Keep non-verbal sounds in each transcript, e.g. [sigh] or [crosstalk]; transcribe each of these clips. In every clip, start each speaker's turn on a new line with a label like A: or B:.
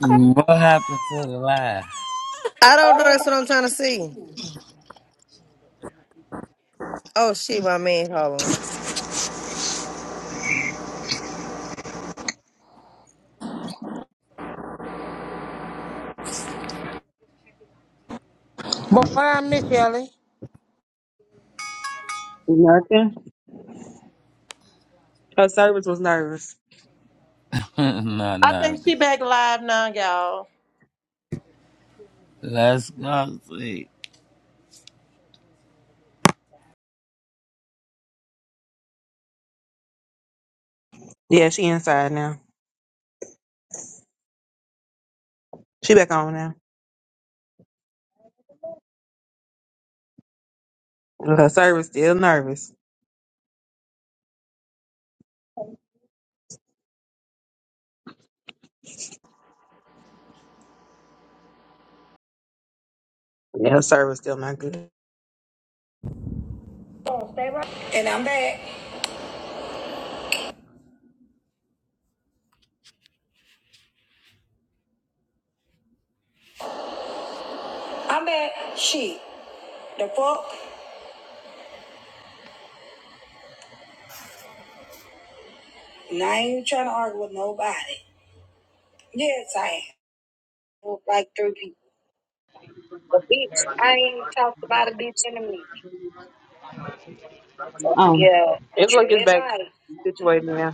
A: What happened to the laugh?
B: I don't know. That's what I'm trying to see. Oh shit, my man calling.
C: Boy, I miss Ellie.
D: Nothing. Her service was nervous.
A: [laughs] Not
E: I think she
A: nervous.
E: back live now, y'all.
A: Let's go see.
D: Yeah, she inside now. She back on now. Her service still nervous. Yeah, her service still not good.
F: Oh.
D: It's like it's back situated now.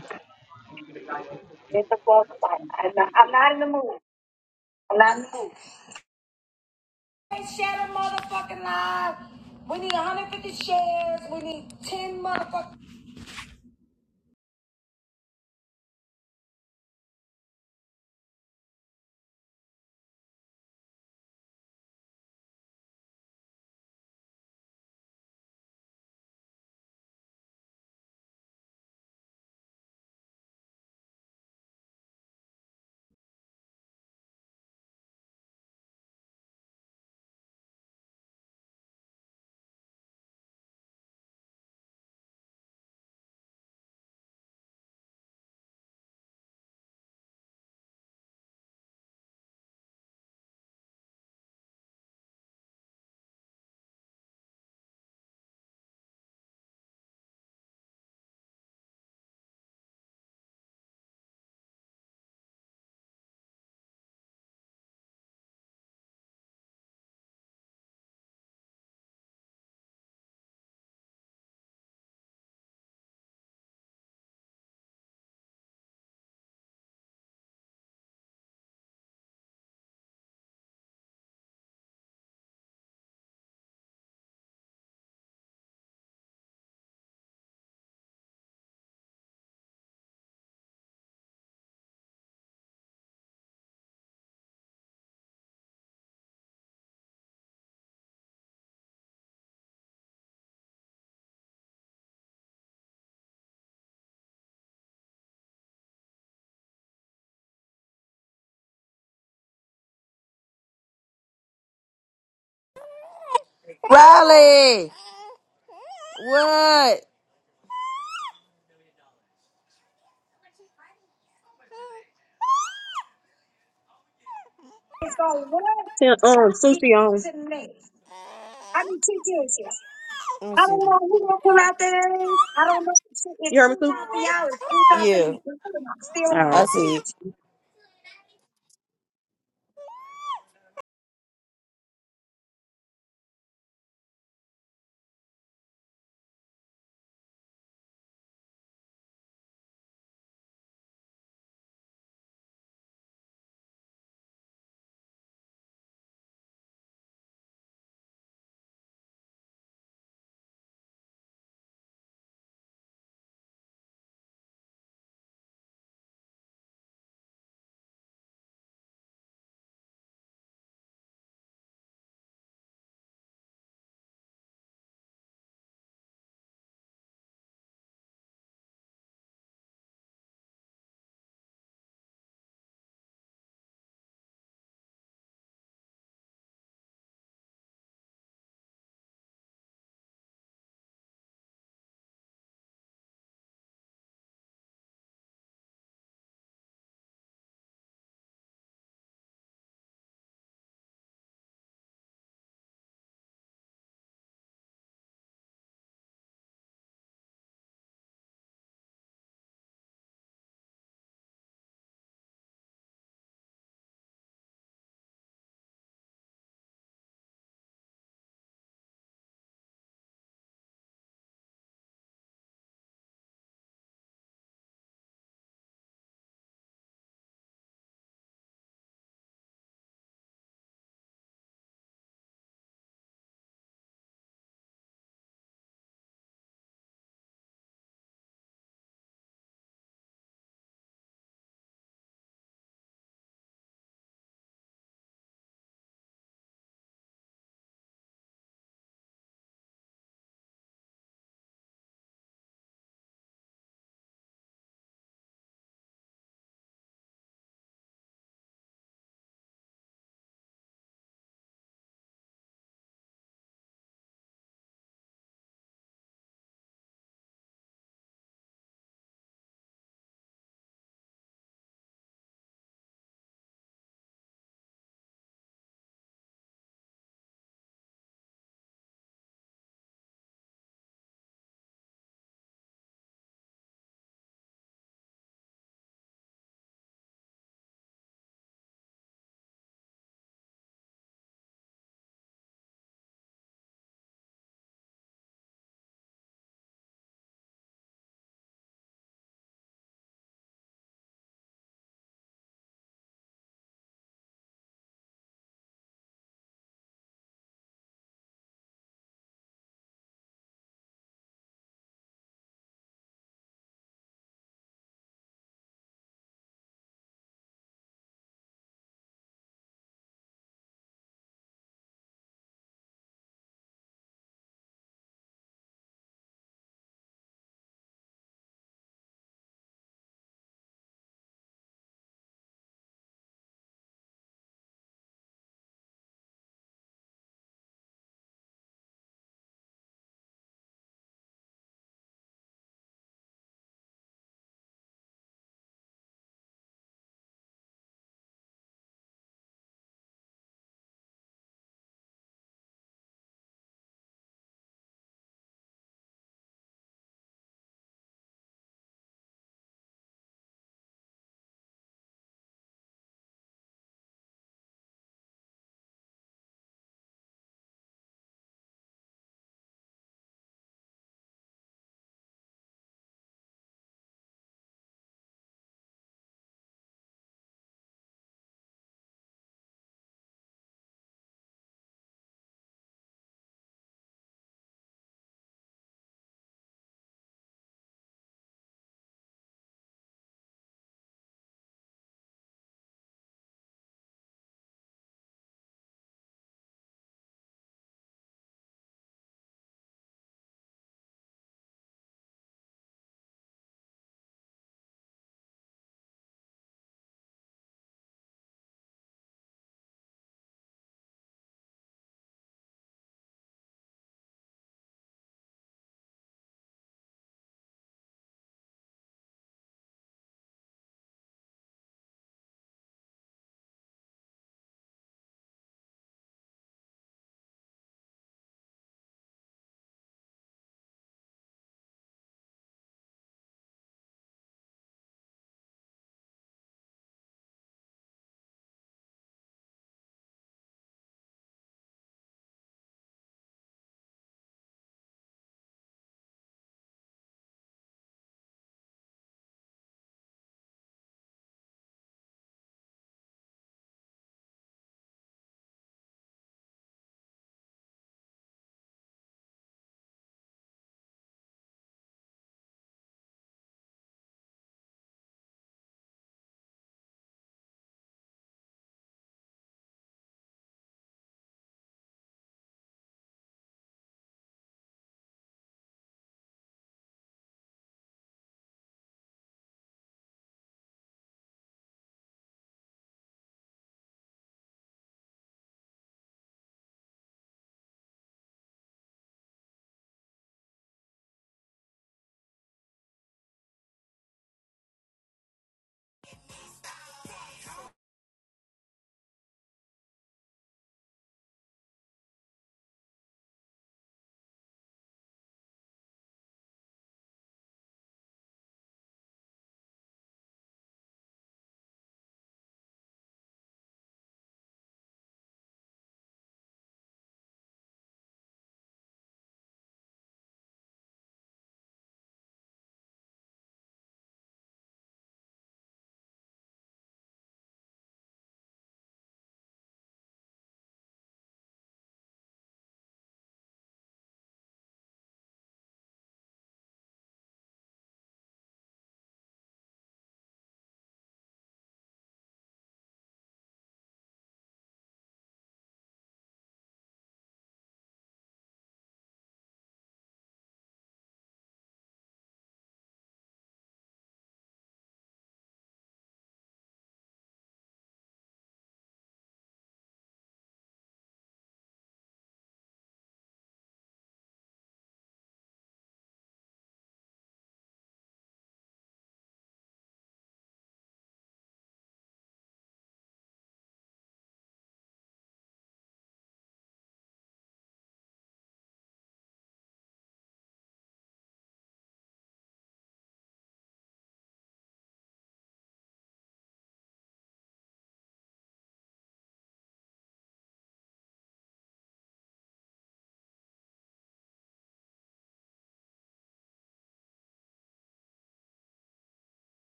B: Riley! What?
D: Yeah, um, sushi on.
B: Let me see.
D: You heard me too? Time
B: Yeah,
D: i Alright.
B: I see.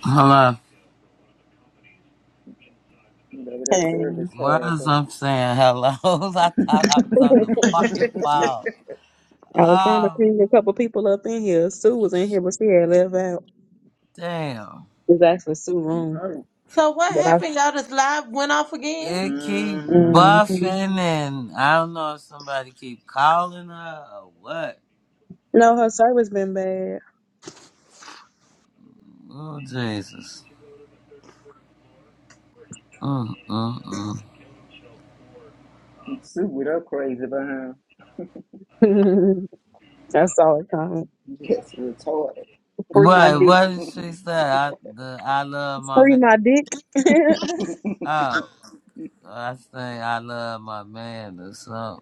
A: Hello.
G: Baby,
D: bitch.
G: that
D: And
G: service
A: Where's
G: horrible.
A: I'm saying hello? [laughs] I
G: [laughs]
A: thought
G: no.
A: I was on
D: [laughs]
A: the fucking phone.
D: I was trying to
A: Oh,
D: clean a couple people up in here. Sue was in here, but she had left out.
A: damn.
D: It's actually Sue room,
E: So what
D: but I.
E: happened? Y'all just live went off again?
A: It keep
G: Mm-hmm.
D: mm-hmm.
A: buffing and I don't know if somebody keep calling her or what.
D: No, her service been bad.
A: Oh, Jesus. Mm, mm, mm.
G: Sue with her crazy behind.
D: [laughs] I saw it coming.
G: Just retarded.
D: Free my
G: [laughs]
A: What?
D: dick.
A: What did she say? I, the, I love my
D: Free
A: man.
D: my dick. [laughs] yeah,
A: Oh, I say I love my man or something.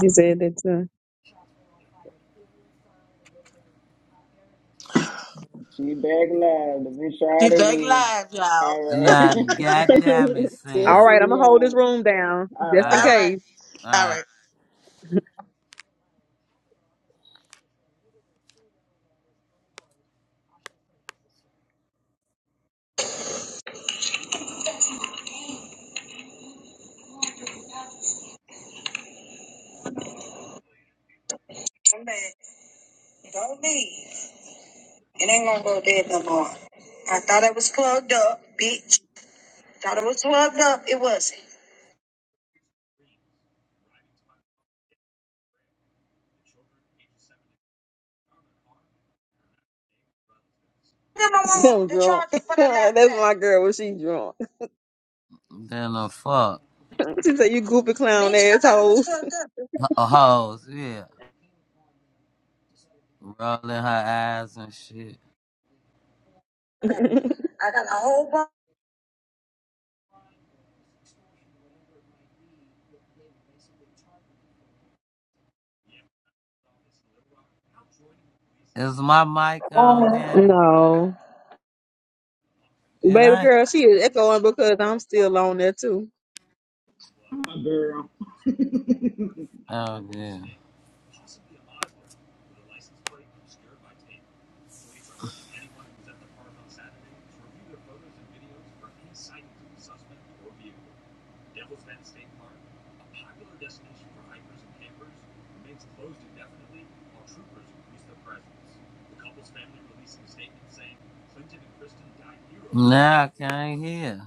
D: she said that too.
G: she back live. Let me try
E: She
G: it
E: back
G: again.
E: live, y'all.
G: All right.
A: Nah, goddamn it,
D: [laughs]
G: [laughs]
D: all
A: Sam.
G: Tessie,
D: right, I'm
G: we
D: gonna hold
G: on
D: this
G: it.
D: room down
G: All
D: just
G: right.
D: in
E: All
A: Alright,
E: right.
D: case.
E: All
A: alright.
E: right.
D: I'm [laughs] drunk. charge for that [laughs] That's my girl when she drunk.
A: Then the fuck.
D: She said you goofy clown Bitch, I know
A: H- Hoes, yeah. Rolling her eyes and shit.
D: asshole.
A: Is my mic on,
D: [laughs]
A: Danny?
D: no.
A: It
D: Baby
A: ain't?
D: girl, she is echoing because I'm still on there too.
G: My girl. [laughs]
A: Oh, yeah. Now I can't hear.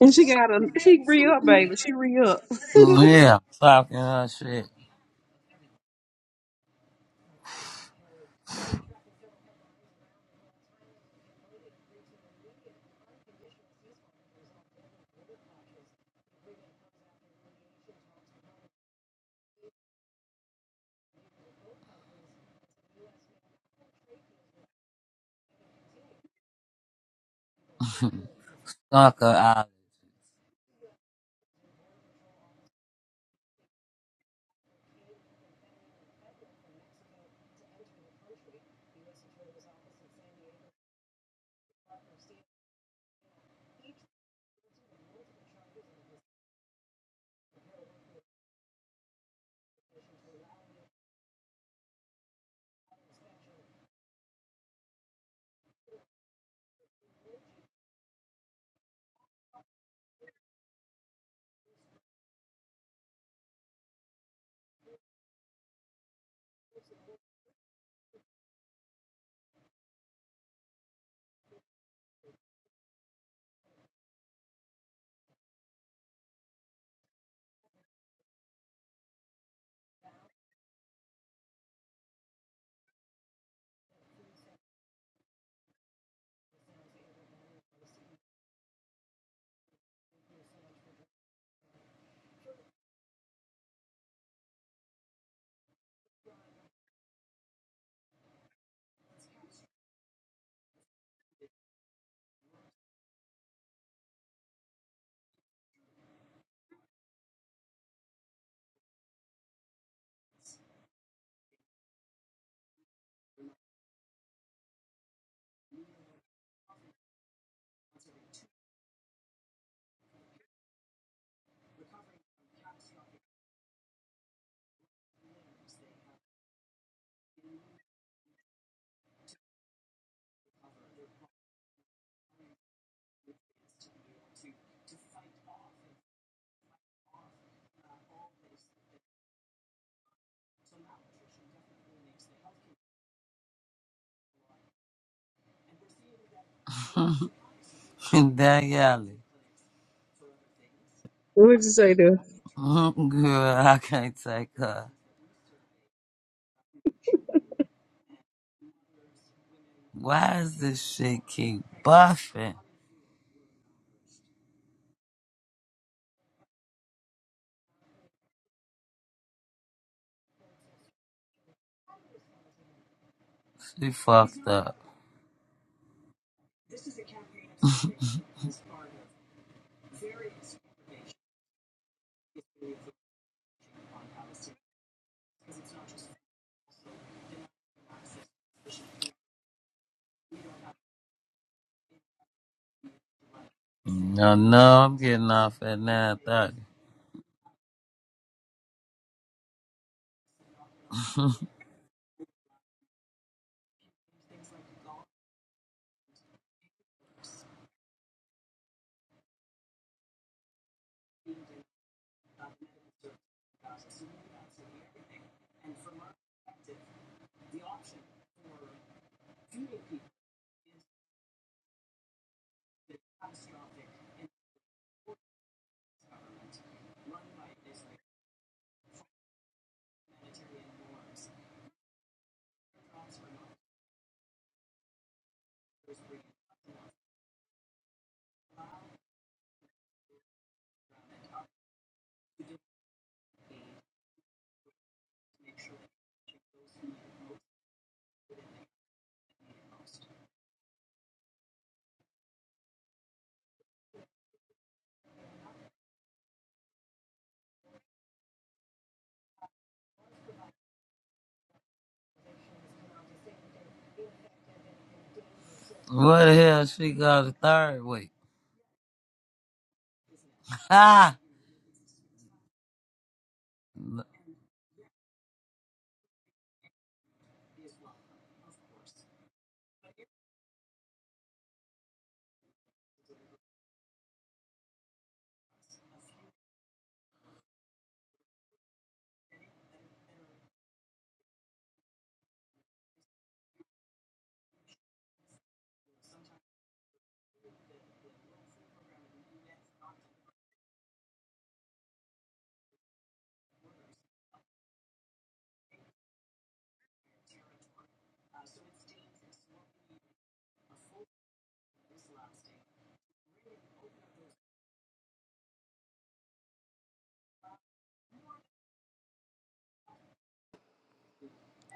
D: And she got a she re up, baby. She re up. [laughs]
A: Yeah, talking her shit. [laughs] Fuck Uncle Ollie. [laughs] Danielle.
D: What'd you say dude?
A: Mm, Girl, I can't take her. Why is this shit keep buffing? She fucked up. No, no, I'm getting off at nine thirty. [laughs] What the hell she got a third week? [laughs] Ah,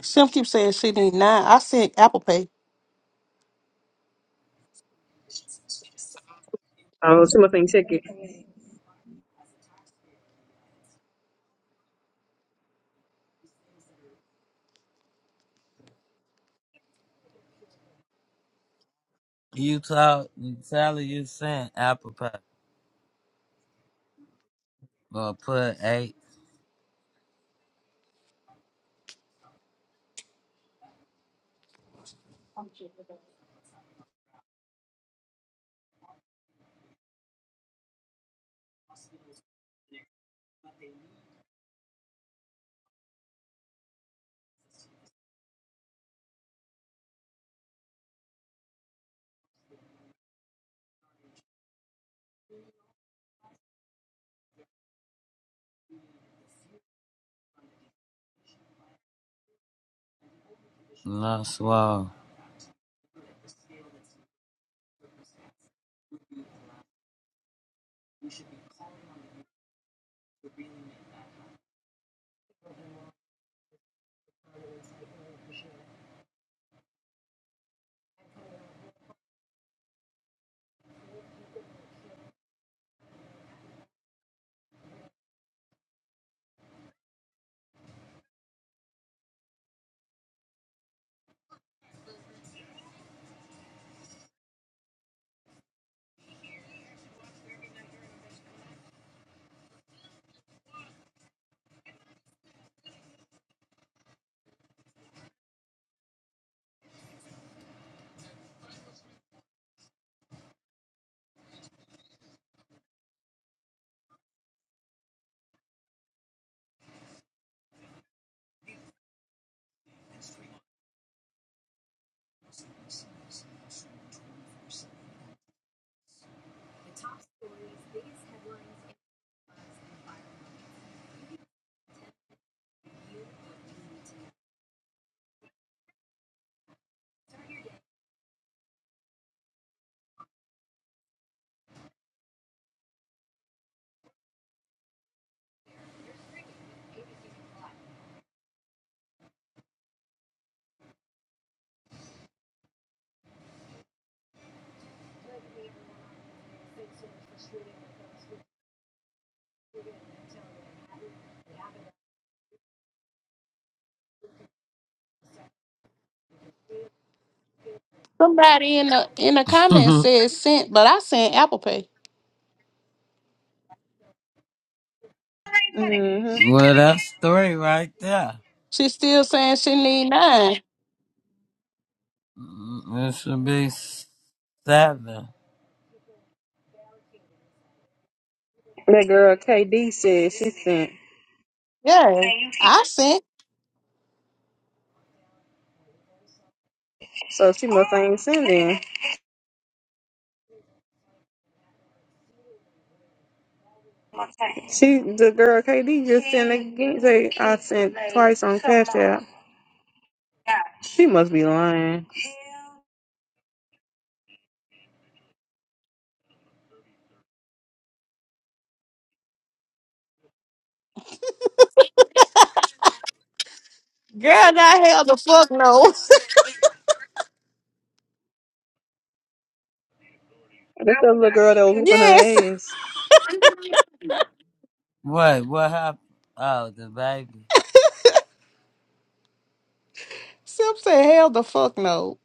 H: Sim keeps saying she need nine. I sent Apple Pay.
D: Oh, someone check it.
A: You talk, Sally, you sent apple pie. Well, put eight, not swallow.
H: Somebody in the in the
A: [laughs]
H: comments
A: well,
H: said sent, but I sent Apple Pay.
D: hmm
A: that's three right there.
H: She's still saying she need nine.
A: Mm, It should be seven.
D: That girl KD said she sent,
H: Yeah, I sent.
D: so she must ain't sending. She, the girl KD just sent again. Say I sent twice on Cash App. She must be lying.
H: Girl, not hell the fuck no. [laughs]
D: That's the little girl that was whooping
H: Yes.
D: her ass.
A: Wait, what happened? Oh, the baby.
H: Sim said hell the fuck no.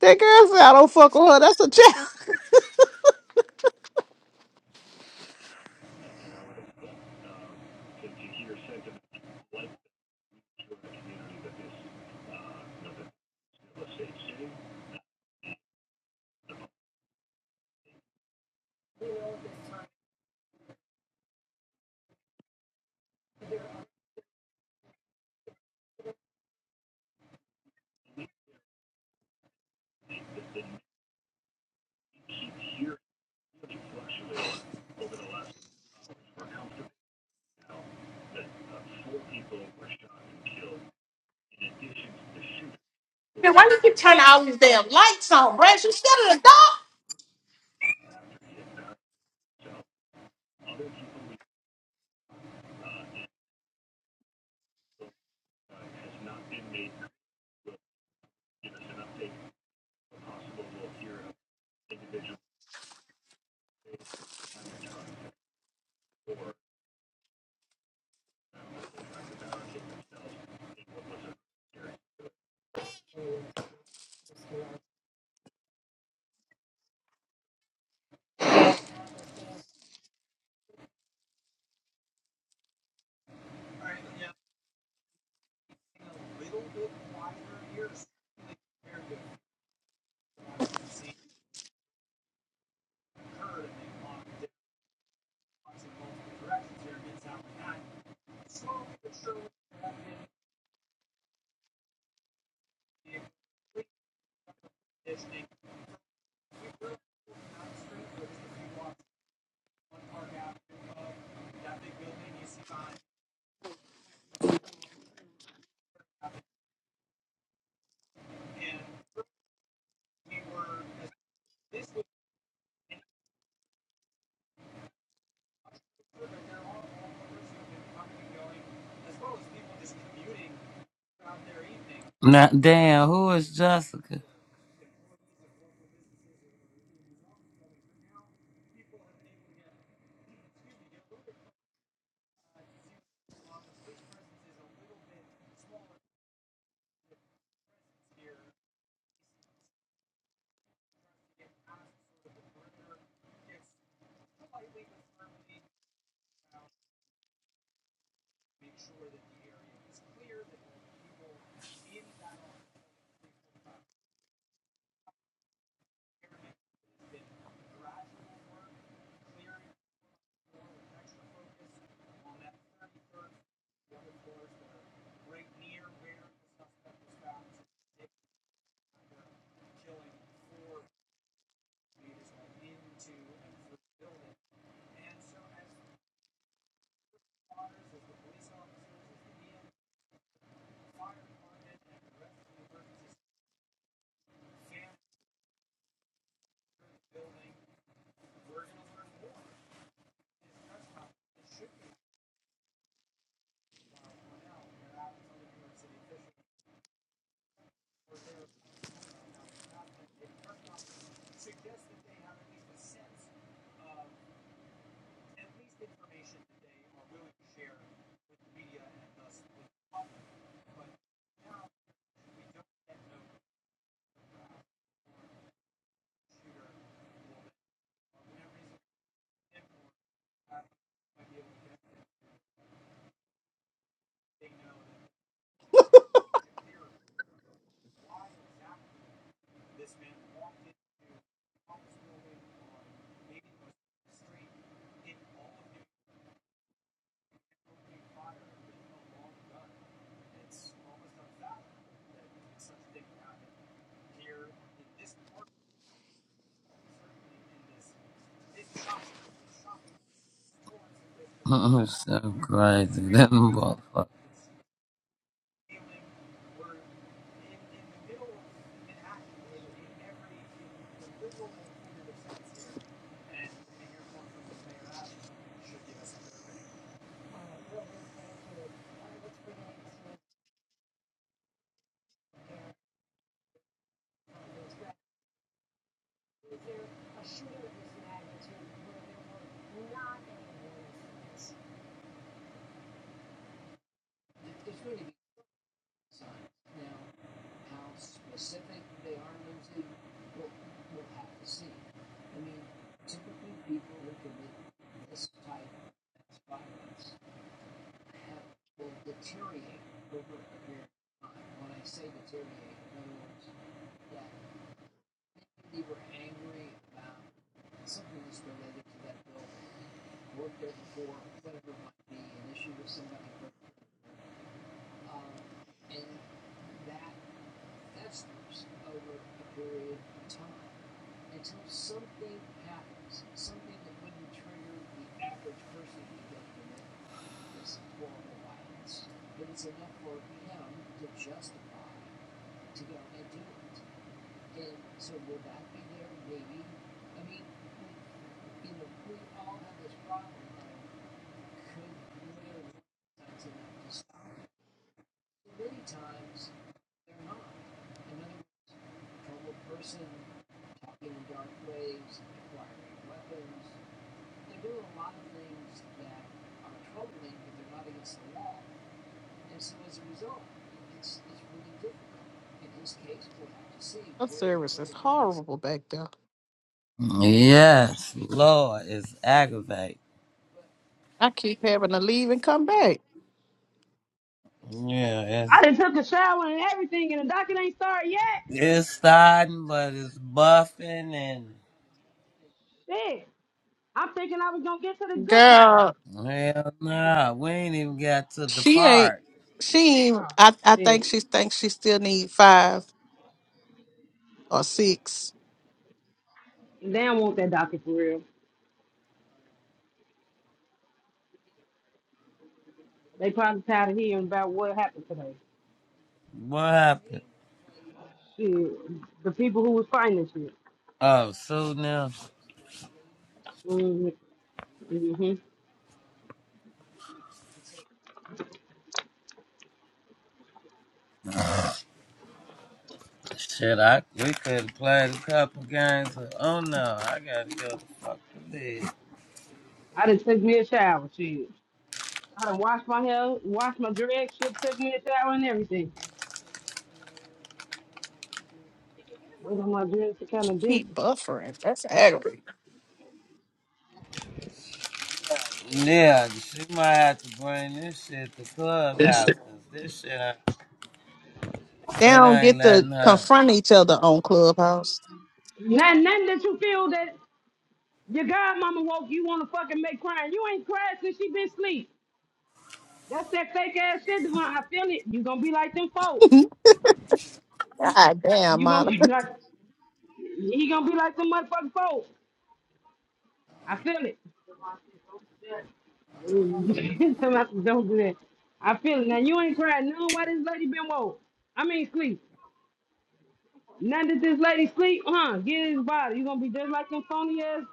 H: That girl said I don't fuck with her. That's a child. Then why you keep turning all these damn lights on, bruh? You still in the dark.
A: Now, damn, who is Jessica? [laughs] so crazy. Them motherfuckers.
H: Her service is horrible back there.
A: Yes, Lord, it's aggravate.
H: I keep having to leave and come back.
A: Yeah,
F: I
A: it's
F: done took a shower and everything, and the docket ain't started yet.
A: it's starting, but it's buffing and
F: Shit. I'm thinking I was gonna get to the good part.
H: Girl.
A: hell nah, we ain't even got to the
H: She ain't.
A: part.
H: She. Ain't,
F: Oh,
H: I. I think
F: shit.
H: she thinks she still need five or six.
F: They don't want that docket for real. They probably tired of hearing about what happened today.
A: What happened?
F: Shit. The people who was fighting this shit.
A: Oh, so now
F: Mm-hmm. Mm-hmm.
A: shit, I we could have played a couple games. But, oh no, I gotta go to fucking bed.
F: I done took me a shower, shit. I done washed my hair, washed my dreads, shit, took me a shower and everything. Wait on my dreads to kind of dip.
H: Keep buffering. That's aggravating.
A: Yeah, she might have to bring this shit to clubhouse, cause this shit, I-
H: They
A: it
H: don't
A: ain't
H: get to
A: letting her.
H: confront each other on Clubhouse.
F: Nothing, nothing that you feel that your godmama woke you want to fucking make crying. You ain't cried since she been asleep. That's that fake ass shit, Devon. I feel it. You gonna be like them folk.
H: God damn,
F: You gonna be
H: Monica. [laughs]
F: like he gonna be like them motherfucking folk. I feel it. [laughs] Somebody don't do that. I feel it. Now you ain't crying. No, why this lady been woke? I mean sleep. Now that this lady sleep, huh? Get his body. You gonna be just like them phony ass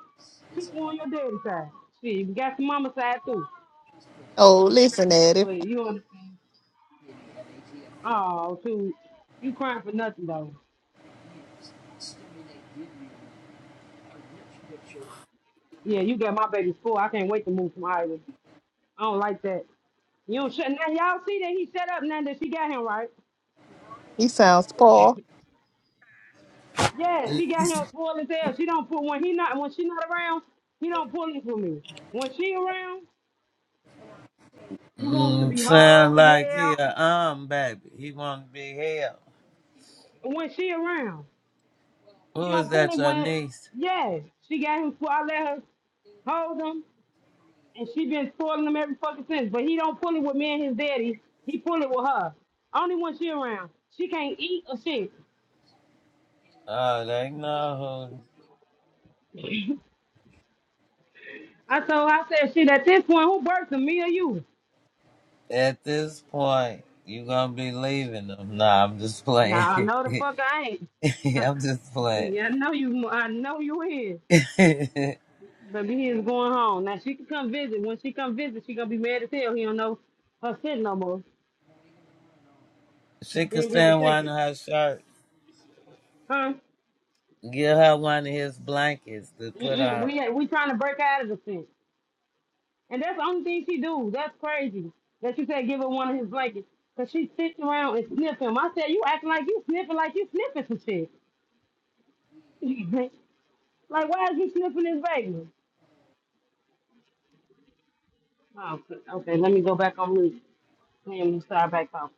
F: people on your daddy side. Shit, you got some mama side too.
H: Oh, listen at him.
F: But you don't oh too. You crying for nothing though. Yeah, you got my baby's full. I can't wait to move from Iowa. I don't like that. You don't shut now. Y'all see that he set up now that she got him right.
H: He sounds poor.
F: Yeah, she got him full as hell. She don't put when he not when she not around. He don't pull it for me. When she around, he wants to
A: Mm,
F: be whole
A: sound
F: to
A: like he
F: hell.
A: a um baby. He want to be held.
F: When she around, he
A: Who is
F: don't pull
A: that?
F: it
A: Your
F: when.
A: niece?
F: Yeah, she got him. full. I let her hold him, and she been spoiling him every fucking since. But he don't pull it with me and his daddy. He pull it with her. Only when she around. She can't eat or shit.
A: Oh, they know who.
F: I told her, I said, shit, at this point, who birthed him, me or you?
A: At this point, you gonna be leaving them. Nah, I'm just
F: Nah,
A: playing.
F: no, the fuck I ain't.
A: [laughs]
F: [laughs]
A: I'm just playing.
F: yeah, I know you. I know you is.
A: [laughs] she
F: But he is going home. Now she can come visit. When she come visit, she gonna be mad as hell. He don't know her sin no more. He
A: could
F: ain't being
A: stand one
F: taken,
A: of her shirts.
F: huh?
A: Give her one of his blankets to put
F: Mm-mm.
A: on.
F: We we trying to break her out of the sin, and that's the only thing she do. That's crazy. That you said give her one of his blankets, cause she sits around and sniff him. I said you acting like you sniffing like you sniffing some shit. [laughs] like why is you sniffing this baby? Oh, okay. Let me go back on mute. Let me start back on.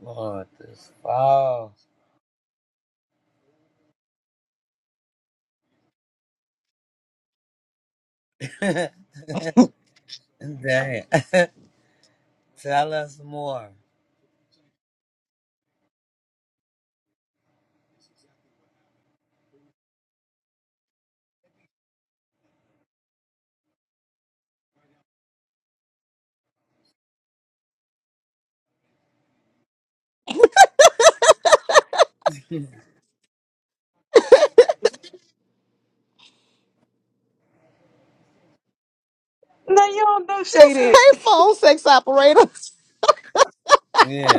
A: Lord, this fall. [laughs] Damn. [laughs] Tell us more.
D: No, you don't do
H: [laughs] This
D: shaded.
H: ain't phone sex operator.
A: Yeah.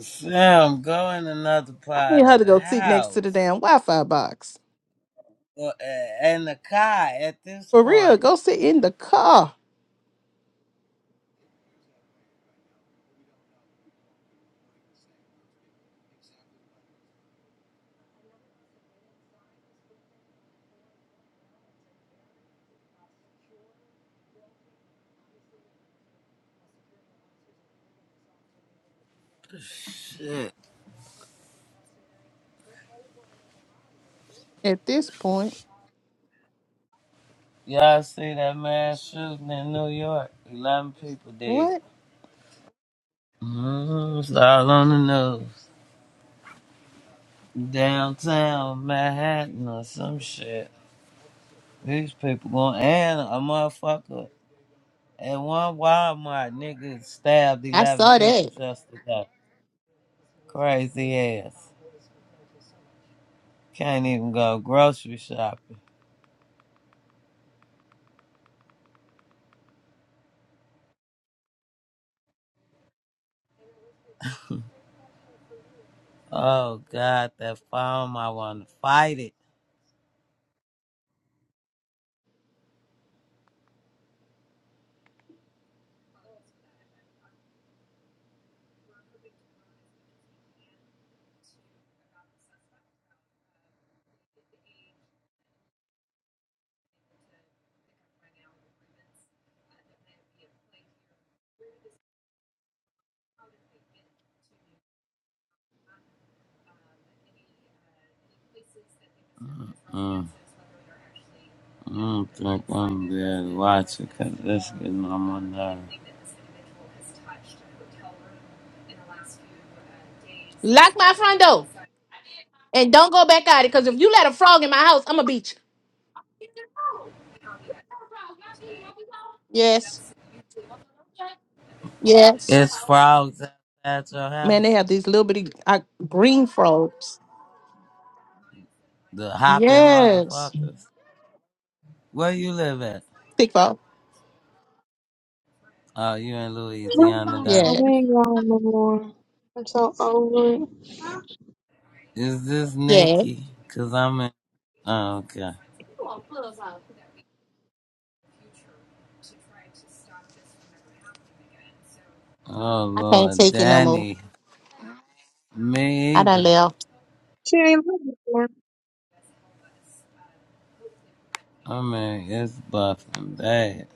A: Sam, go in another
H: I need
A: part
H: her
A: of
H: to
A: the
H: go sit next to the
A: house
H: damn Wi-Fi box.
A: or, uh, and the car at this
H: For real,
A: point.
H: go sit in the car.
A: Shit.
H: At this point,
A: Y'all see that mass shooting in New York? 11 people dead.
H: what?
A: Mm-hmm. It's all on the news. Downtown Manhattan or some shit. These people going, and a motherfucker at one Walmart nigga stabbed
H: I
A: 11
H: saw
A: people
H: that.
A: yesterday. Crazy ass. Can't even go grocery shopping. Oh God, that farm! I want to fight it. Mm, I don't think I'm gonna be able to watch it 'cause this getting on my nerves.
H: Lock my front door and don't go back out it. Cause if you let a frog in my house, I'ma beat you. Yes. Yes.
A: It's frogs at your
H: Man, they
A: house.
H: have these little bitty uh, green frogs.
A: The hopping
H: Yes.
A: motherfuckers. Where you live at?
H: Thick frog.
A: Oh, you in Louisiana,
D: Mm,
A: though.
D: So
H: Yeah.
D: we ain't going no more. I'm so over it.
A: Is this
H: Yeah.
A: Nikki? Cause I'm in. Oh, okay. Oh
H: I can't
A: Lord,
H: take it no more.
A: Danny. Me
H: I done
A: either.
H: left.
D: She ain't looking for.
A: I mean, it's buffing bad.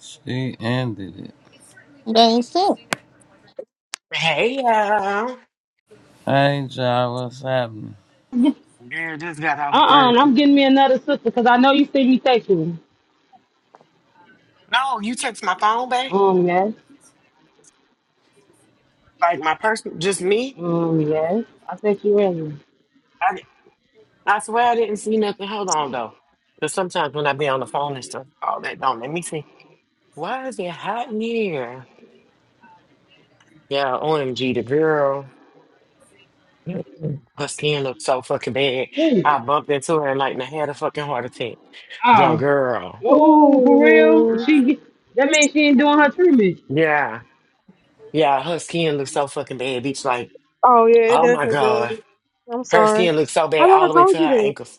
A: She ended it.
H: They ain't still.
I: Hey, y'all.
A: Hey, y'all, what's happening?
F: Uh-uh,
I: Yeah, just got off work.
F: and I'm getting me another sister because I know you see me sexual.
I: No, you text my phone back?
F: Um, yes.
I: Like my person, just me?
F: Um, yes. I sent you ready.
I: I, I swear I didn't see nothing. Hold on, though. Because sometimes when I be on the phone and stuff, all that don't let me see. Why is it hot in here? Yeah, OMG, the girl. Her skin looked so fucking bad.
F: Who?
I: I bumped into her and like and I had a fucking heart attack. The
F: Oh.
I: girl.
F: Oh, for real?
D: Ooh.
F: She, that means she ain't doing her treatment.
I: Yeah. Yeah, her skin looked so fucking bad, bitch. Like,
D: Oh yeah, it
I: oh my
D: definitely
I: God.
D: does. I'm
I: Her
D: sorry.
I: skin looked so
D: I
I: bad
D: never
I: all the way
D: told
I: to
D: you
I: her
D: that.
I: ankles.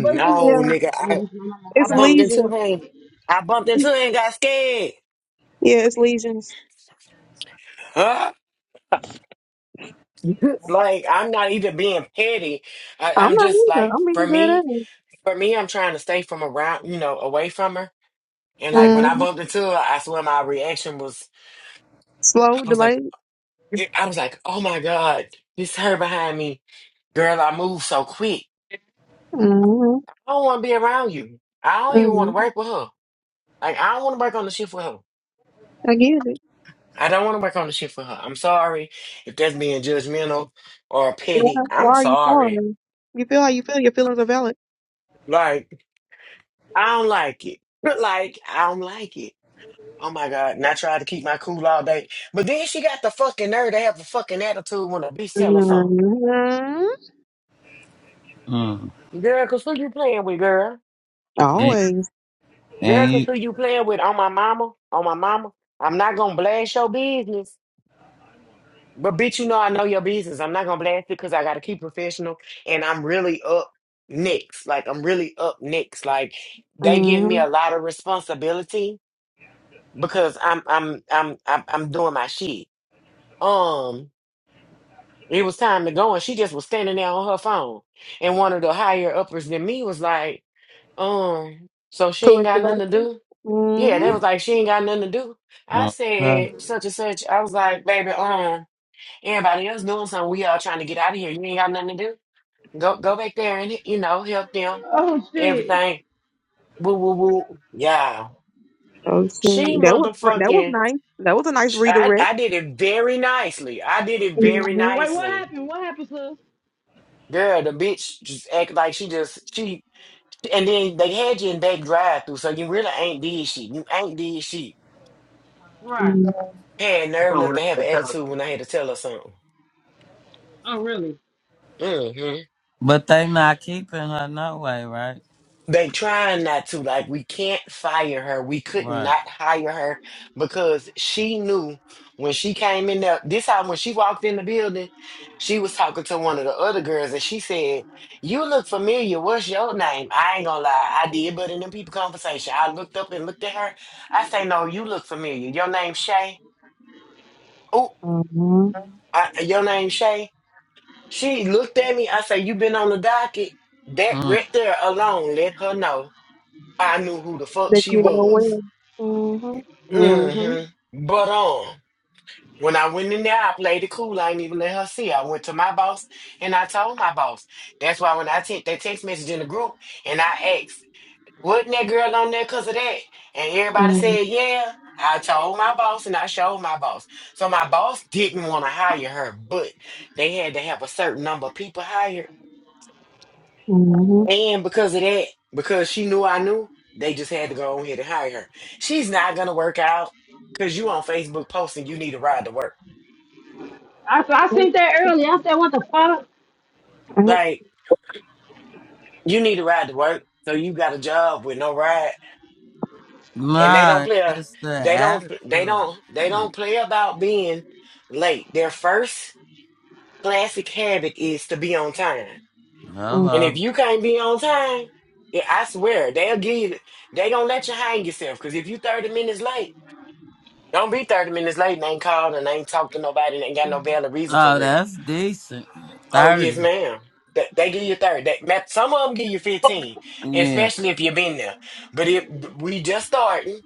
F: What is it?
D: Yeah,
I: nigga,
F: Oh,
I: I,
F: this my mama.
I: I
D: it's
F: Hold
I: bumped
F: on.
I: into
D: leisure.
I: him. I bumped
D: Yeah,
I: into him and got scared.
D: it's lesions.
I: Huh? [laughs] Like I'm not even being petty. I,
D: I'm
I: I'm
D: not
I: just
D: either.
I: like
D: I'm
I: for
D: being good at
I: me,
D: it.
I: for me, I'm trying to stay from around, you know, away from her. And like when I
D: Mm.
I: bumped into her, I swear my reaction was,
D: Slow,
I: I was like,
D: delayed.
I: it- I was like, oh my god, it's her behind me, girl. I moved so quick.
D: Mm.
I: I don't want to be around you. I don't even want
D: Mm.
I: to work with her. Like I don't want to work on the shift with her.
D: I get it.
I: I don't want to work on the shit for her. I'm sorry if that's being judgmental or
D: Why,
I: petty.
D: why
I: I'm
D: are you
I: sorry.
D: sorry? You feel how you feel. Your feelings are valid.
I: Like, I don't like it. [laughs] But, Like, I don't like it. Oh my God. And I tried to keep my cool all day. But then she got the fucking nerve to have a fucking attitude when a bitch tell her something.
D: Mm.
A: Mm.
I: Girl, cause who you playing with, girl?
A: And
D: Always.
I: Girl, cause
A: ain't
I: who you playing with on my mama? On my mama? I'm not gonna blast your business. But bitch, you know I know your business. I'm not gonna blast it because I gotta keep professional and I'm really up next. Like I'm really up next. Like they give me
D: Mm.
I: a lot of responsibility because I'm I'm I'm I'm, I'm doing my shit. Um it was time to go and she just was standing there on her phone. And one of the higher uppers than me was like, um, so she ain't got
D: Corrective
I: nothing to
D: action.
I: do? Yeah, they
D: Mm.
I: was like, she ain't got nothing to do. I
A: okay.
I: said such and such. I was like, baby, um, Everybody else doing something. We all trying to get out of here. You ain't got nothing to do. Go go back there and you know help them.
F: Oh, shit.
I: Everything. Woo woo woo. Yeah.
D: Okay.
I: She
D: That was fr- that was
I: motherfucking.
D: nice. That was a nice
I: sh- I
D: redirect.
I: I did it very nicely. I did it very
D: Mm-hmm.
F: Wait, what
I: nicely.
F: happened? What happened, sis?
I: Girl, the bitch just act like she just she. And then they had you in back drive through, so you really ain't did shit. You ain't did shit.
F: Right.
I: Had nerve enough to have an attitude when I had to tell her something.
F: Oh, really?
I: Mm-hmm.
A: But they not keeping her no way, right?
I: They trying not to. Like we can't fire her. We could
A: Right.
I: not hire her because she knew when she came in there. This time when she walked in the building, she was talking to one of the other girls and she said, You look familiar. What's your name? I ain't gonna lie, I did, but in them people conversation, I looked up and looked at her. I say, No, you look familiar. Your name Shay. Oh,
D: Mm-hmm.
I: I, your name Shay. She looked at me. I say, You been on the docket. That
A: Mm.
I: right there alone let her know. I knew who the fuck
D: That
I: she
D: you know
I: was.
D: well. Mm-hmm.
F: Mm-hmm.
I: hmm But um, when I went in there, I played it cool. I ain't even let her see. I went to my boss and I told my boss. That's why when I sent that text message in the group and I asked, wasn't that girl on there because of that? And everybody
D: Mm-hmm.
I: said, yeah. I told my boss and I showed my boss. So my boss didn't want to hire her, but they had to have a certain number of people hired.
D: Mm-hmm.
I: And because of that, because she knew I knew, they just had to go on here to hire her. She's not gonna work out because you on Facebook posting you need a ride to work.
F: I, I seen that
D: Mm-hmm.
F: earlier. I said, what the fuck?
I: Like you need a ride to work, so you got a job with no ride, and they don't
A: Nah,
I: play.
A: it's the
I: They don't. They
A: attitude.
I: don't. They
A: Shit.
I: don't play about being late. Their first classic habit is to be on time,
D: Mm-hmm.
I: and if
A: Hello.
I: you can't be on time, yeah, I swear they'll give. You, they gonna let you hang yourself because if you thirty minutes late. Don't be 30 minutes late and ain't called and ain't talked to nobody and ain't got no valid reason for
A: Oh,
I: real.
A: that's decent.
I: Oh, yes,
A: Thirty.
I: ma'am. They, they give you 30. They, ma- some of them give you 15,
A: Yeah.
I: especially if you've been there. But if we just starting,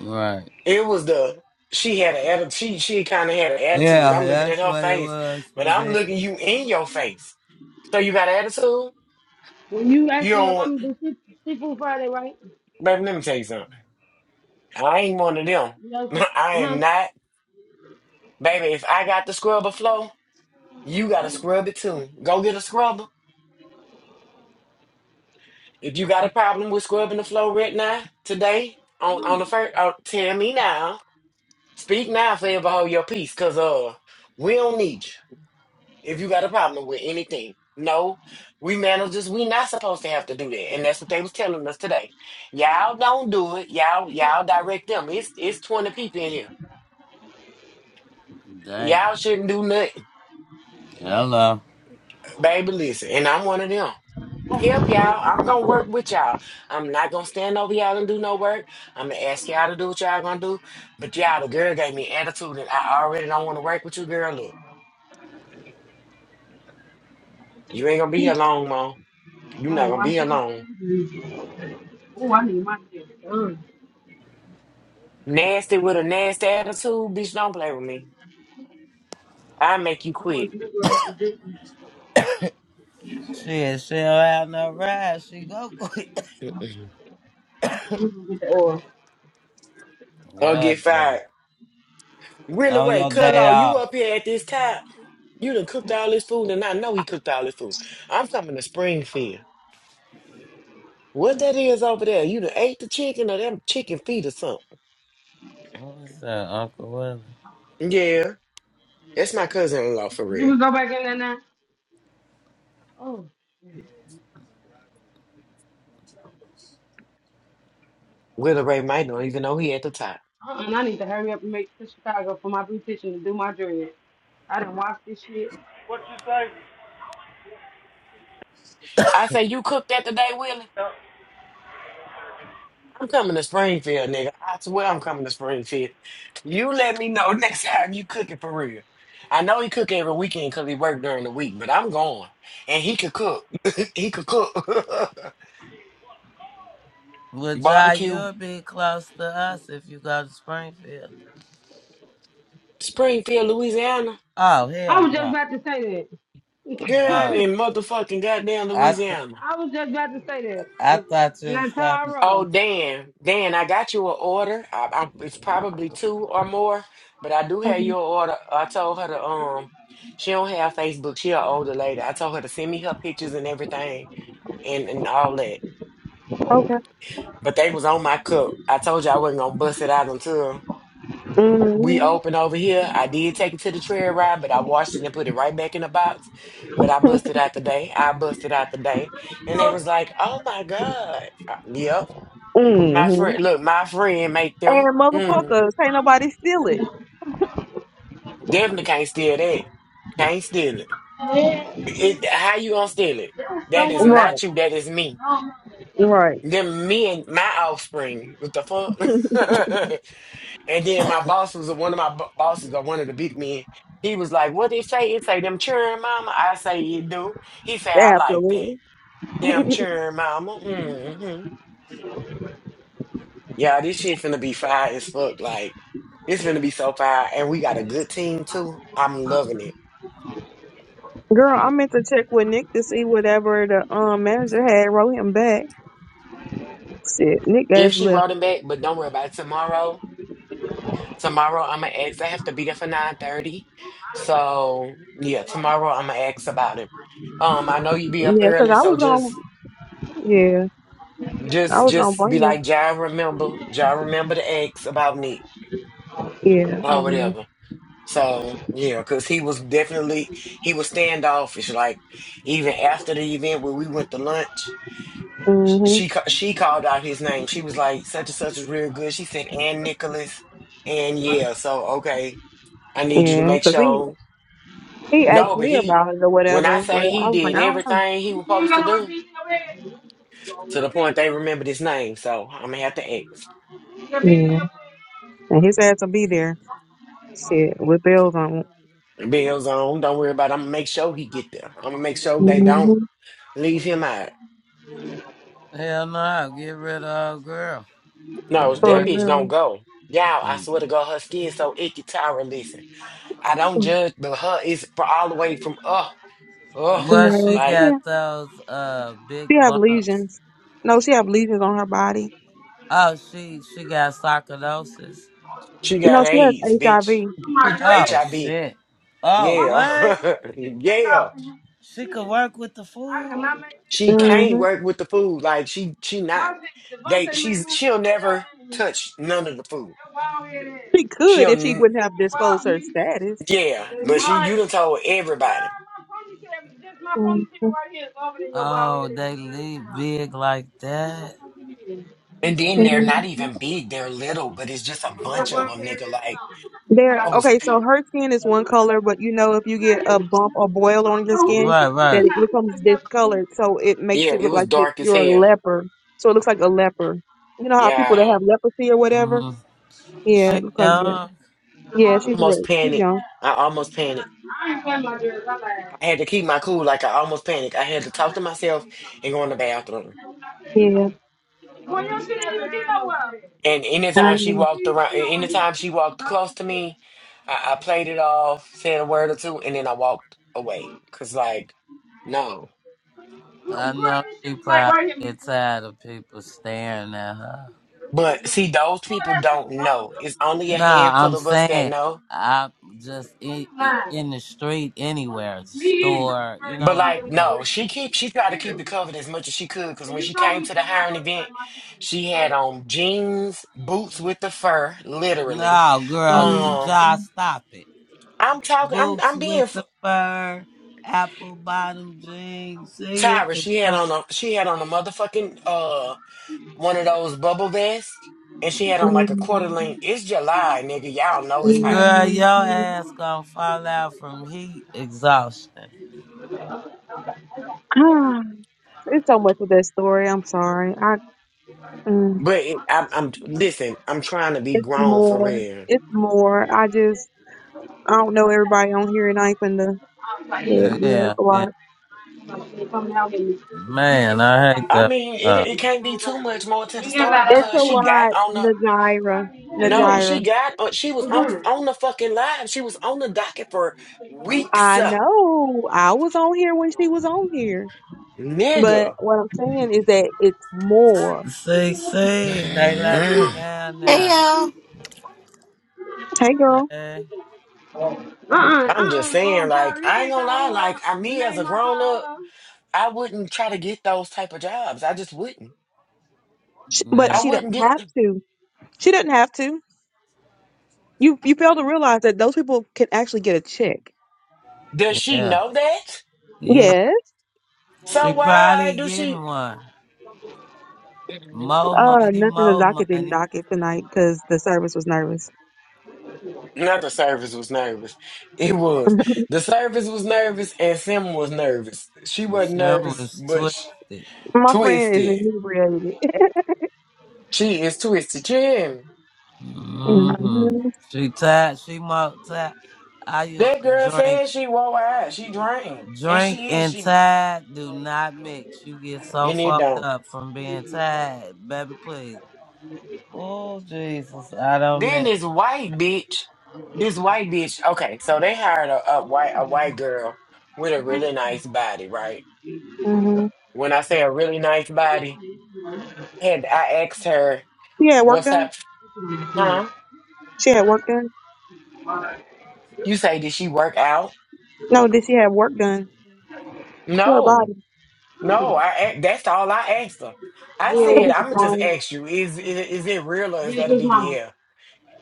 A: Right.
I: it was the, she had an attitude, she, she kind of had an attitude.
A: Yeah,
I: I'm looking at
A: that's
I: her
A: what it
I: face,
A: was
I: but
A: for
I: I'm
A: me.
I: looking you in your face. So you got an attitude?
F: When you
I: You
F: asked me
I: don't,
F: if
I: want-
F: I'm going to do sea- Seafood Friday, right?
I: baby, let me tell you something. I ain't one of them.
F: You
I: [laughs]
F: know,
I: I am
F: huh?
I: not, baby, if I got the scrubber flow, you got to scrub it too. Go get a scrubber If you got a problem with scrubbing the floor right now, today, on on the first, oh, tell me now. Speak now, forever hold your peace, cause uh, we don't need you. If you got a problem with anything, no, we managers, we not supposed to have to do that, and that's what they was telling us today. Y'all don't do it. Y'all, y'all direct them. It's it's twenty people in here.
A: Damn.
I: Y'all shouldn't do nothing.
A: Hello.
I: Baby, listen, and I'm one of them. I help y'all. I'm gonna work with y'all. I'm not gonna stand over y'all and do no work. I'm gonna ask y'all to do what y'all gonna do. But y'all, the girl gave me attitude and I already don't wanna work with you, girl. Look, you ain't gonna be here long, mom. you
F: I
I: not
F: don't
I: gonna be here
F: my
I: long.
F: friends. Oh, I need my shit. Ugh.
I: Nasty with a nasty attitude, bitch, don't play with me. I make you quit.
A: Shit, she don't have no ride. She go [laughs] quick.
I: Mm-mm.
F: You can get the oil.
I: Or get
A: God damn.
I: fired. Really,
A: On
I: wait,
A: your day
I: Cudlow, you
A: off.
I: up here at this time? You done cooked all this food and I know he cooked all this food. I'm coming to Springfield. What that is over there? You done ate the chicken or them chicken feet or something?
A: What was that, Uncle Willie?
I: Yeah, that's my cousin-in-law for
F: You
I: real.
F: can go back in there now. Oh,
I: Willie Ray might not even know he at the top.
F: uh-uh, and I need to hurry up and make it to Chicago for my beautician to do my dress. I done watched this shit.
J: What you say?
I: I say, you cooked that today, Willie?
J: Uh,
I: I'm coming to Springfield, nigga. I swear I'm coming to Springfield. You let me know [laughs] next time you cook it for real. I know he cook every weekend because he worked during the week, but I'm going. And he could cook. [laughs] he could cook. [laughs]
A: Well, Jai,
I: Barbecue,
A: you'll be close to us if you go to Springfield.
I: Springfield, Louisiana.
A: Oh,
F: I
A: hell
F: was just
A: no.
F: about to say
I: Girl, I'm
A: Oh,
F: that.
I: in motherfucking goddamn
A: I th-
I: Louisiana.
F: [laughs] I was just about to say that.
A: I thought you was coming.
I: Oh,
F: Natara.
I: Dan, Dan, I got you an order. I, I, it's probably two or more, but I do have
D: Mm-hmm.
I: your order. I told her to um, she don't have Facebook. She an older lady. I told her to send me her pictures and everything and and all that.
D: Okay.
I: But they was on my cup. I told you I wasn't gonna bust it out until we
D: Mm-hmm.
I: open over here. I did take it to the trail ride, but I washed it and put it right back in the box. But I
D: [laughs]
I: busted out the day. I busted out the day, and they was like, "Oh my God, yep." My
D: mm-hmm.
I: friend, look, my friend make them.
D: And
I: Mm,
D: motherfuckers, can't nobody steal it.
I: definitely can't steal that. Can't steal it.
F: Yeah,
I: it. How you gonna steal it?
F: there's
I: That is
F: someone.
D: Right.
I: not you. That is me.
F: I don't know.
D: Right.
I: Then me and my offspring. What the fuck? [laughs] and then my boss was one of my bo- bosses or one of the big men. He was like, "What they say? It say them children, mama." I say, "You do." He say,
D: [laughs]
I: "I like that."
D: Absolutely. [laughs]
I: Them children, mama. Mmm. Yeah, this shit finna be fire as fuck. Like, it's finna be so fire. And we got a good team too. I'm loving it.
D: Girl, I meant to check with Nick to see whatever the um manager had wrote him back. Shit, Nick
I: If
D: has
I: she
D: left.
I: wrote him back, but don't worry about it. Tomorrow, tomorrow I'ma ask. I have to be there for 9:30. So yeah, tomorrow I'ma ask about him. Um, I know you be up
D: Yeah, 'cause
I: early,
D: I
I: so
D: was
I: just
D: gonna. Yeah, I
I: just
D: was gonna
I: just be
D: bring him.
I: like, Jai remember, Jai remember to ask about me
D: Yeah, I
I: or
D: will.
I: whatever. So yeah, because he was definitely he was standoffish. Like even after the event when we went to lunch. Sh-
D: Mhm.
I: she ca- she called out his name. She was like, such and such is real good. She said, and Nicholas, and yeah. So okay, I need you to
D: Yeah,
I: make
D: 'cause he
I: sure.
D: he asked
I: No, but
D: me
I: he,
D: about it or
I: when I
D: whatever, but
I: say he
D: I was like, I
I: did
D: don't know.
I: everything he was
F: You ain't
I: supposed
F: got
I: to
F: no
I: do,
F: repeat in your bed. Repeat in
I: to the
F: Your
I: point
F: bed,
I: they
F: son.
I: remembered his name. So I'm gonna have to ask.
F: Your bed in
D: Yeah,
F: your bed.
D: and his ass will be there. Shit, with bells on. it.
I: Bills on. Don't worry about. It. I'm gonna make sure he get there. I'm gonna make sure they don't
D: Mhm.
I: leave him out.
A: Hell no, get rid of old girl.
I: No,
A: And
D: For
I: that
A: bring.
I: bitch gonna
D: real.
I: go. Y'all, I
A: and-
I: swear to God, her skin so icky. Tyra, listen. I don't judge, but her is for all the way from oh, oh,
A: Well,
D: No,
A: she
D: she
I: like
D: have,
A: got those uh big
D: she have
A: bumps.
D: lesions. No, she have lesions on her body.
A: Oh, she she got sarcoidosis.
I: she
D: No,
I: got
D: she has
I: AIDS, bitch,
D: HIV.
I: [laughs]
A: Oh
I: HIV.
A: shit. Oh what?
I: Yeah, [laughs] yeah.
A: She could work with the food.
F: And I make this
I: She
F: shit
D: hmm
F: up.
I: can't work with the food. Like she, she not.
F: My shit,
I: They,
F: Devontae made
I: she's
F: my shit
I: she'll
F: take y'all
I: never
F: family.
I: touch none of the food.
F: That's all it
D: She
F: is.
D: could
I: She'll,
D: if she
I: n-
D: wouldn't have
F: You
D: disclosed
F: bought
D: her
F: me.
D: status.
I: yeah.
F: It's
I: But she, you
F: mine.
I: done told
F: Girl,
I: everybody.
F: my ponytail, just my ponytail
D: Mhm.
F: right here is over in your bald
A: Oh,
F: head. You
A: they
F: know it's
A: leave big like that.
I: And then
F: mine.
I: they're not even big; they're little. But it's just a
F: That's
I: bunch
F: what
I: of
F: I'm
I: them,
F: hearing
I: nigga.
F: this
I: Like
F: song. You
D: There.
F: got
I: I
F: it.
I: was,
D: Okay, so her skin is one color, but you know if you get a bump or boil on
F: I don't
D: your
F: know who
D: skin,
F: the
A: Right,
F: fuck you
D: that
A: right.
F: think
D: it
F: I
D: becomes
F: am.
D: discolored, so it makes
I: yeah.
D: it
I: It
D: look
I: was
D: like that
I: dark as
D: you're a
I: hell.
D: leper. So it looks like a leper. You know how people that
I: Yeah,
D: have leprosy or whatever.
A: hmm
D: Yeah,
A: She
D: it looks like that.
A: young.
F: The
D: Yeah,
F: mother.
D: she's
I: almost
D: right. She's
I: panicked.
D: young.
I: I almost panicked.
F: I ain't playing my dress. I lied.
I: I had to keep my cool, like I almost panicked. I had to
F: I
I: talk to myself
F: lied.
I: and go in the bathroom.
D: Yeah.
F: Well, your shit ain't even get over.
I: And
D: I
I: anytime she
D: know.
I: walked around,
F: You know what? This shit
I: anytime she
F: was
I: walked close
F: really
I: to
F: big.
I: me, I, I played it off, said a word or two, and then I walked away. Cause like, no.
A: I
F: Girl,
A: know
F: this shit
A: she
F: was like
A: probably
F: right
A: get
F: here.
A: tired of people staring at her.
I: But see, those people
F: that shit,
I: don't
F: was long.
I: know.
F: That's
I: It's
F: What I
I: only a
F: said.
A: Nah,
I: handful
A: I'm
I: of us that
A: saying
I: know.
A: I
F: What?
A: just in, in the street
F: are
A: anywhere, the
F: you You you you. you, was
A: store. You
F: dressed
A: know
I: But
A: what
F: longer
I: like,
F: than
A: I'm
F: you
A: saying?
F: lying?
I: no, she keep she tried
F: Me?
I: to
F: me were here.
I: keep it covered as much as she could. Cause
F: And
I: when
F: you
I: she
F: told
I: came
F: me
I: to the
F: from the
I: hiring
F: first
I: event,
F: time I
I: she
F: I
I: had on jeans, boots with the fur, literally.
A: No, girl, d-
I: Um,
D: Mm-hmm.
A: just stop it.
I: I'm talking. I'm
A: Boots
I: I'm being
A: with
I: f-
A: the fur, apple bottom jeans. See it
I: Tyra.
A: the
I: She had
A: floor.
I: on a she had on a motherfucking uh one of those bubble vests, and she had on like a quarter
D: Um,
I: length. It's July, nigga. Y'all know it's hot.
A: Girl,
D: mm,
A: your ass gonna fall out from heat exhaustion.
D: Ah, it's so much with that story. I'm sorry. I mm,
I: But it, I'm, I'm listen. I'm trying to be
D: it's
I: grown for
D: more.
I: real.
D: It's more. I just I don't know everybody on here, and I ain't finna.
F: I'm was like,
D: But
A: Uh,
D: yeah,
A: Yeah,
D: it's a
A: yeah.
D: lot.
F: not just get out here.
A: Man, I hate
I: I
A: that.
I: mean, it it can't be too much more to
F: You
I: the
F: ain't got a
I: story
F: lot of
D: It's
F: us. You
I: because
D: a
I: she
F: ain't get
I: got
D: lot.
I: on the
D: Najira,
F: one. I
I: no. She
D: Najira.
I: got on. She
F: for
I: was on
F: good.
I: on the fucking live. She was on the docket for weeks,
D: I
I: uh,
D: know. I was on here when she was on here, but
I: nigga.
D: what I'm saying is that it's more.
A: See, see, they left
I: [sighs]
A: you down
K: Hey
A: now.
K: y'all.
D: Hey, girl.
A: Hey,
F: Uh-uh,
I: I'm just
F: uh-uh,
I: saying,
F: um,
I: like,
F: Potter, you
I: I ain't
F: can't
I: gonna lie,
F: call her
I: like, I,
F: the
I: me as a
F: name I
I: grown up,
F: call
I: I wouldn't try to get those type of jobs. I just wouldn't.
D: Sh but
A: yeah,
I: I
D: she do
I: wouldn't
D: not
I: get.
D: have
I: Them.
D: to. She doesn't have to. You you fail to realize that those people can actually get a check.
I: Does she
A: yeah,
I: know that?
A: yeah.
D: Yes.
A: She
I: So why
A: probably
I: do
A: getting
I: she?
A: one. More
D: Uh,
A: money,
D: nothing the
A: more
D: docket didn't
A: money.
D: dock it tonight because the service was nervous.
I: Not the service was nervous. It was
D: [laughs]
I: the service was nervous, and Sim was nervous. She wasn't
A: Slim
I: nervous,
A: was
I: but sh
A: twisted.
D: My friend is
I: twisted.
D: inebriated.
I: She is twisted. She hear me?
D: [laughs]
A: Mm-hmm.
D: hmm
A: She tied, She more tied. I used
I: That girl
A: to drink.
I: said she wore out. She drained, and
A: Drink
I: she is.
A: and
I: She
A: tired do not mix. You get so
I: and it
A: fucked
I: don't.
A: up from being tired, baby. Please. Oh Jesus, I don't
I: Then
A: mix
I: this white bitch, this white bitch. Okay, so they hired a, a white a white girl with a really nice body, right?
D: hmm
I: When I say a really nice body, and I asked her,
D: She had work
I: "What's
D: done.
I: up, huh?"
D: She had work done.
I: You say, "Did she work out?"
D: No, did she have work done to her
I: No,
D: body?
I: no. I a- that's all I asked her. I
F: her.
D: That
I: said,
D: bitch
I: "I'm
F: Then,
D: is
I: gonna just
D: dying.
I: ask you, is is, is it real or is
F: then
I: that a
F: his Mama.
I: BBL?"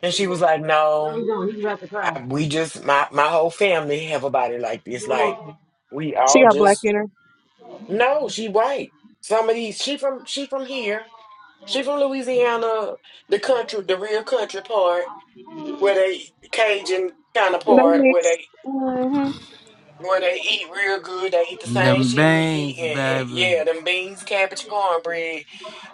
I: And she was like,
F: No, we
I: "No,
F: don't. He's about to cry.
I: I, we just my my whole family have a body like this. Like we
D: She
I: all
D: got black
I: just."
D: in her.
I: No, she white. Some of these she from she from here. She from Louisiana, the country, the real country part where they Cajun kind of
D: They
I: part where
D: mix.
I: they
D: hmm
I: where they eat real good. They eat the same
A: them
I: shit we eat,
A: beans,
I: and, and
A: baby.
I: yeah, them beans, cabbage, cornbread.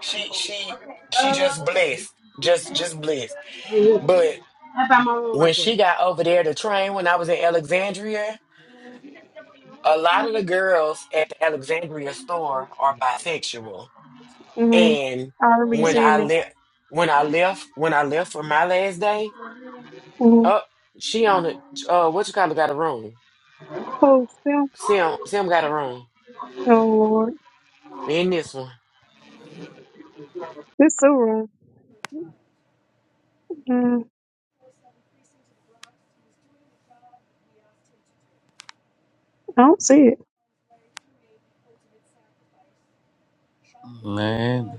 I: She she she
F: Uh,
I: just blessed, just just blessed.
F: hey, look.
I: But
F: I found my room right
I: when
F: quick.
I: she got over there to train, when I was in Alexandria, a lot of the girls at the Alexandria store are bisexual.
D: hmm
I: And
D: I remember you
I: when
D: saying
I: I
D: that.
I: left, when I left, when I left for my last day,
D: hmm
I: up she on the uh what you call it got a room.
D: Oh, still.
I: Sim Sim got a room
D: Oh Lord,
I: in this one.
D: this so wrong. Mm, I don't see it.
A: Man.